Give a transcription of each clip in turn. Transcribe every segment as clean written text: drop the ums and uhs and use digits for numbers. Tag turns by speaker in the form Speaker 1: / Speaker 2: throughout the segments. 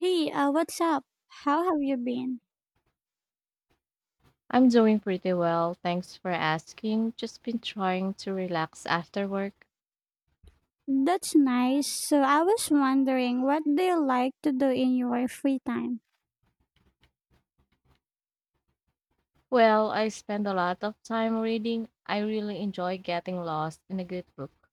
Speaker 1: Hey, what's up? How have you been?
Speaker 2: I'm doing pretty well, thanks for asking. Just been trying to relax after work.
Speaker 1: That's nice. So I was wondering what do you like to do in your free time?
Speaker 2: Well, I spend a lot of time reading. I really enjoy getting lost in a good book.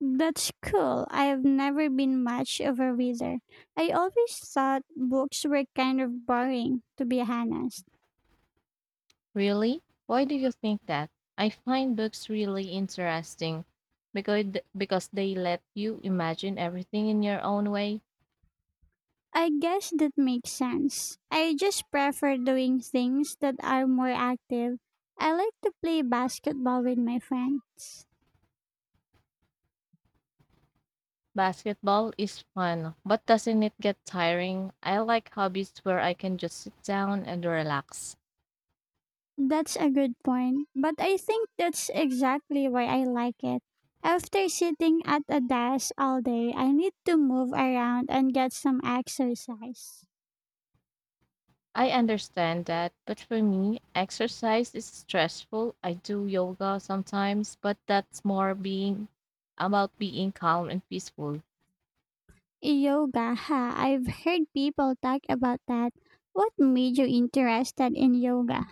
Speaker 1: That's cool. I've never been much of a reader. I always thought books were kind of boring, to be honest.
Speaker 2: Really? Why do you think that? I find books really interesting because because they let you imagine everything in your own way.
Speaker 1: I guess that makes sense. I just prefer doing things that are more active. I like to play basketball with my friends.
Speaker 2: Basketball is fun, but doesn't it get tiring? I like hobbies where I can just sit down and relax.
Speaker 1: That's a good point, but I think that's exactly why I like it. After sitting at a desk all day, I need to move around and get some exercise.
Speaker 2: I understand that, but for me, exercise is stressful. I do yoga sometimes, but that's more being about being calm and peaceful.
Speaker 1: Yoga, ha, I've heard people talk about that. What made you interested in yoga?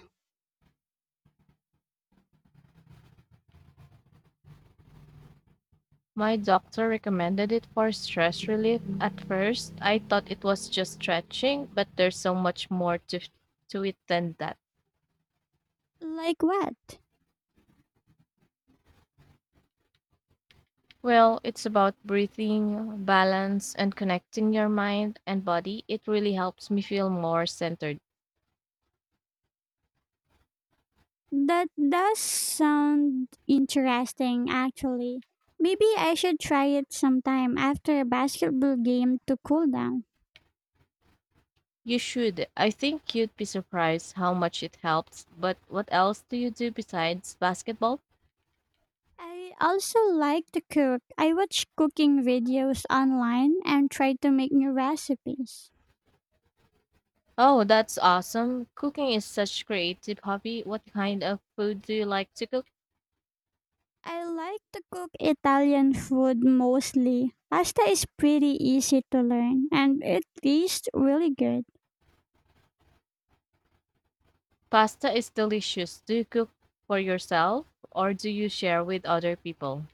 Speaker 2: My doctor recommended it for stress relief. At first, I thought it was just stretching, but there's so much more to it than that.
Speaker 1: Like what?
Speaker 2: Well, it's about breathing, balance, and connecting your mind and body. It really helps me feel more centered.
Speaker 1: That does sound interesting, actually. Maybe I should try it sometime after a basketball game to cool down.
Speaker 2: You should. I think you'd be surprised how much it helps. But what else do you do besides basketball?
Speaker 1: I also like to cook. I watch cooking videos online and try to make new recipes.
Speaker 2: Oh, that's awesome. Cooking is such creative hobby. What kind of food do you like to cook?
Speaker 1: I like to cook Italian food mostly. Pasta is pretty easy to learn and it tastes really good.
Speaker 2: Pasta is delicious. Do you cook for yourself or do you share with other people?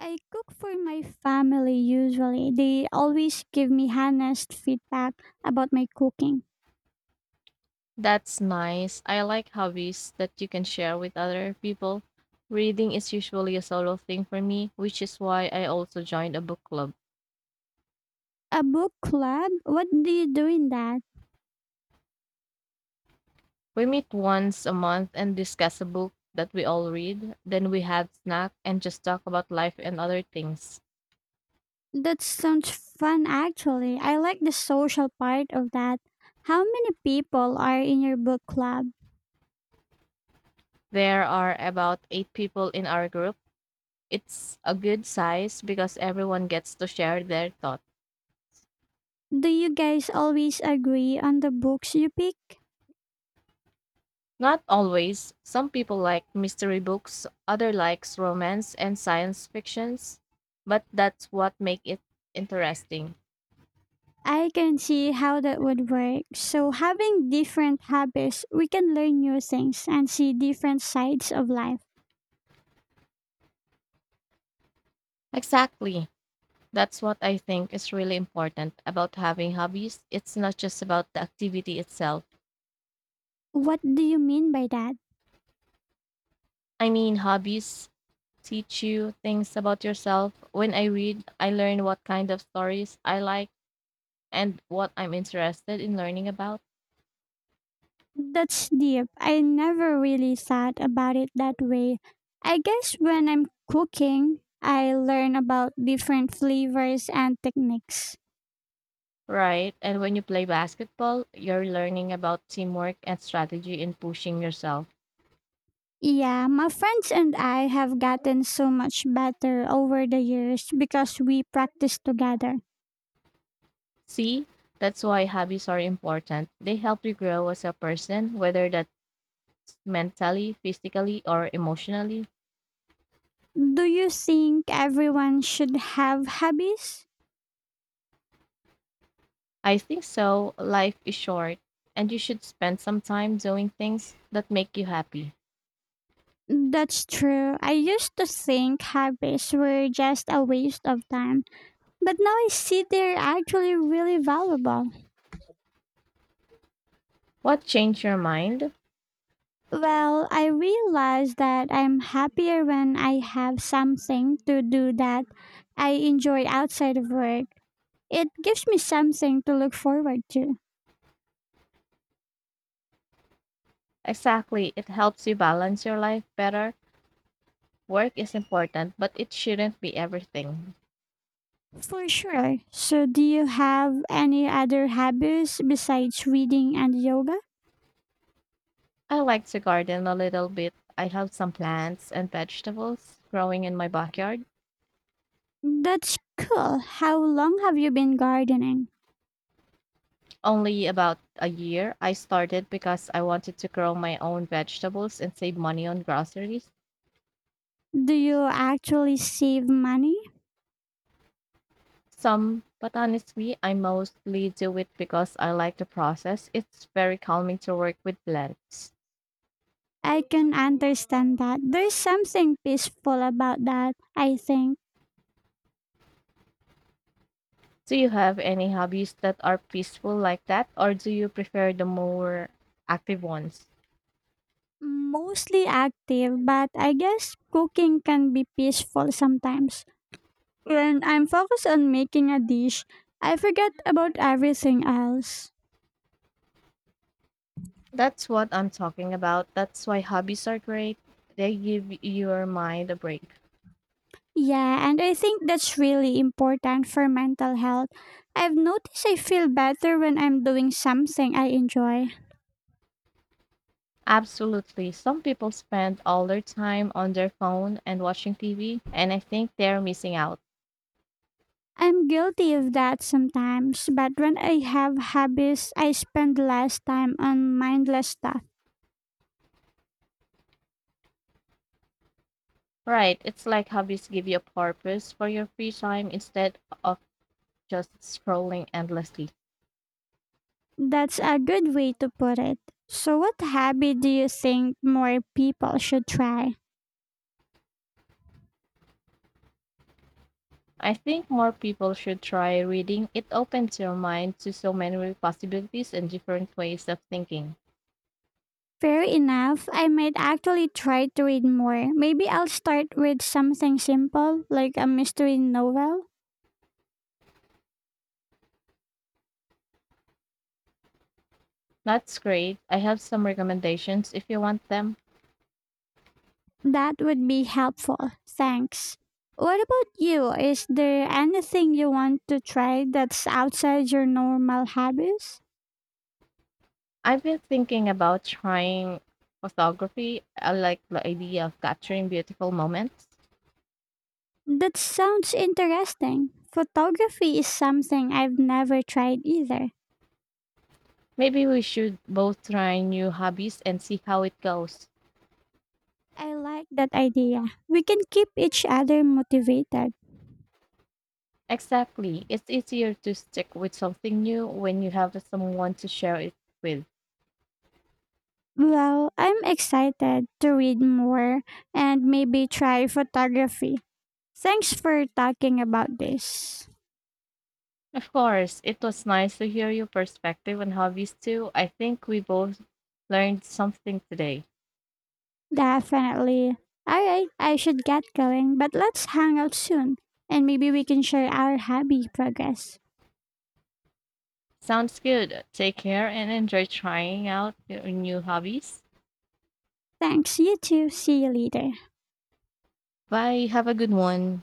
Speaker 1: I cook for my family usually. They always give me honest feedback about my cooking.
Speaker 2: That's nice. I like hobbies that you can share with other people. Reading is usually a solo thing for me, which is why I also joined a book club.
Speaker 1: A book club? What do you do in that?
Speaker 2: We meet once a month and discuss a book that we all read. Then we have snack and just talk about life and other things.
Speaker 1: That sounds fun, actually. I like the social part of that. How many people are in your book club?
Speaker 2: There are about 8 people in our group. It's a good size because everyone gets to share their thoughts.
Speaker 1: Do you guys always agree on the books you pick?
Speaker 2: Not always. Some people like mystery books, other likes romance and science fictions, but that's what make it interesting.
Speaker 1: I can see how that would work. So, having different habits, we can learn new things and see different sides of life.
Speaker 2: Exactly. That's what I think is really important about having hobbies. It's not just about the activity itself.
Speaker 1: What do you mean by that?
Speaker 2: I mean, hobbies teach you things about yourself. When I read, I learn what kind of stories I like and what I'm interested in learning about.
Speaker 1: That's deep. I never really thought about it that way. I guess when I'm cooking, I learn about different flavors and techniques.
Speaker 2: Right. And when you play basketball, you're learning about teamwork and strategy and pushing yourself.
Speaker 1: Yeah, my friends and I have gotten so much better over the years because we practice together.
Speaker 2: See, that's why hobbies are important. They help you grow as a person, whether that's mentally, physically, or emotionally.
Speaker 1: Do you think everyone should have hobbies?
Speaker 2: I think so. Life is short, and you should spend some time doing things that make you happy.
Speaker 1: That's true. I used to think hobbies were just a waste of time, but now I see they're actually really valuable.
Speaker 2: What changed your mind?
Speaker 1: Well, I realize that I'm happier when I have something to do that I enjoy outside of work. It gives me something to look forward to.
Speaker 2: Exactly, it helps you balance your life better. Work is important, but it shouldn't be everything.
Speaker 1: For sure. So, do you have any other hobbies besides reading and yoga?
Speaker 2: I like to garden a little bit. I have some plants and vegetables growing in my backyard.
Speaker 1: That's cool. How long have you been gardening?
Speaker 2: Only about a year I started because I wanted to grow my own vegetables and save money on groceries.
Speaker 1: Do you actually save money?
Speaker 2: Some, but honestly, I mostly do it because I like the process. It's very calming to work with plants.
Speaker 1: I can understand that. There's something peaceful about that, I think.
Speaker 2: Do you have any hobbies that are peaceful like that, or do you prefer the more active ones?
Speaker 1: Mostly active, but I guess cooking can be peaceful sometimes. When I'm focused on making a dish, I forget about everything else.
Speaker 2: That's what I'm talking about. That's why hobbies are great. They give your mind a break.
Speaker 1: Yeah, and I think that's really important for mental health. I've noticed I feel better when I'm doing something I enjoy.
Speaker 2: Absolutely. Some people spend all their time on their phone and watching TV, and I think they're missing out.
Speaker 1: I'm guilty of that sometimes, but when I have hobbies, I spend less time on mindless stuff.
Speaker 2: Right. It's like hobbies give you a purpose for your free time instead of just scrolling endlessly.
Speaker 1: That's a good way to put it. So, what habit do you think more people should try?
Speaker 2: I think more people should try reading. It opens your mind to so many possibilities and different ways of thinking.
Speaker 1: Fair enough, I might actually try to read more. Maybe I'll start with something simple, like a mystery novel.
Speaker 2: That's great. I have some recommendations if you want them.
Speaker 1: That would be helpful. Thanks. What about you? Is there anything you want to try that's outside your normal habits?
Speaker 2: I've been thinking about trying photography. I like the idea of capturing beautiful moments.
Speaker 1: That sounds interesting. Photography is something I've never tried either.
Speaker 2: Maybe we should both try new hobbies and see how it goes.
Speaker 1: I like that idea. We can keep each other motivated.
Speaker 2: Exactly. It's easier to stick with something new when you have someone to share it with.
Speaker 1: Well, I'm excited to read more and maybe try photography. Thanks for talking about this.
Speaker 2: Of course, it was nice to hear your perspective on hobbies too. I think we both learned something today.
Speaker 1: Definitely. All right, I should get going, but let's hang out soon and maybe we can share our hobby progress.
Speaker 2: Sounds good. Take care and enjoy trying out your new hobbies.
Speaker 1: Thanks, you too. See you later.
Speaker 2: Bye. Have a good one.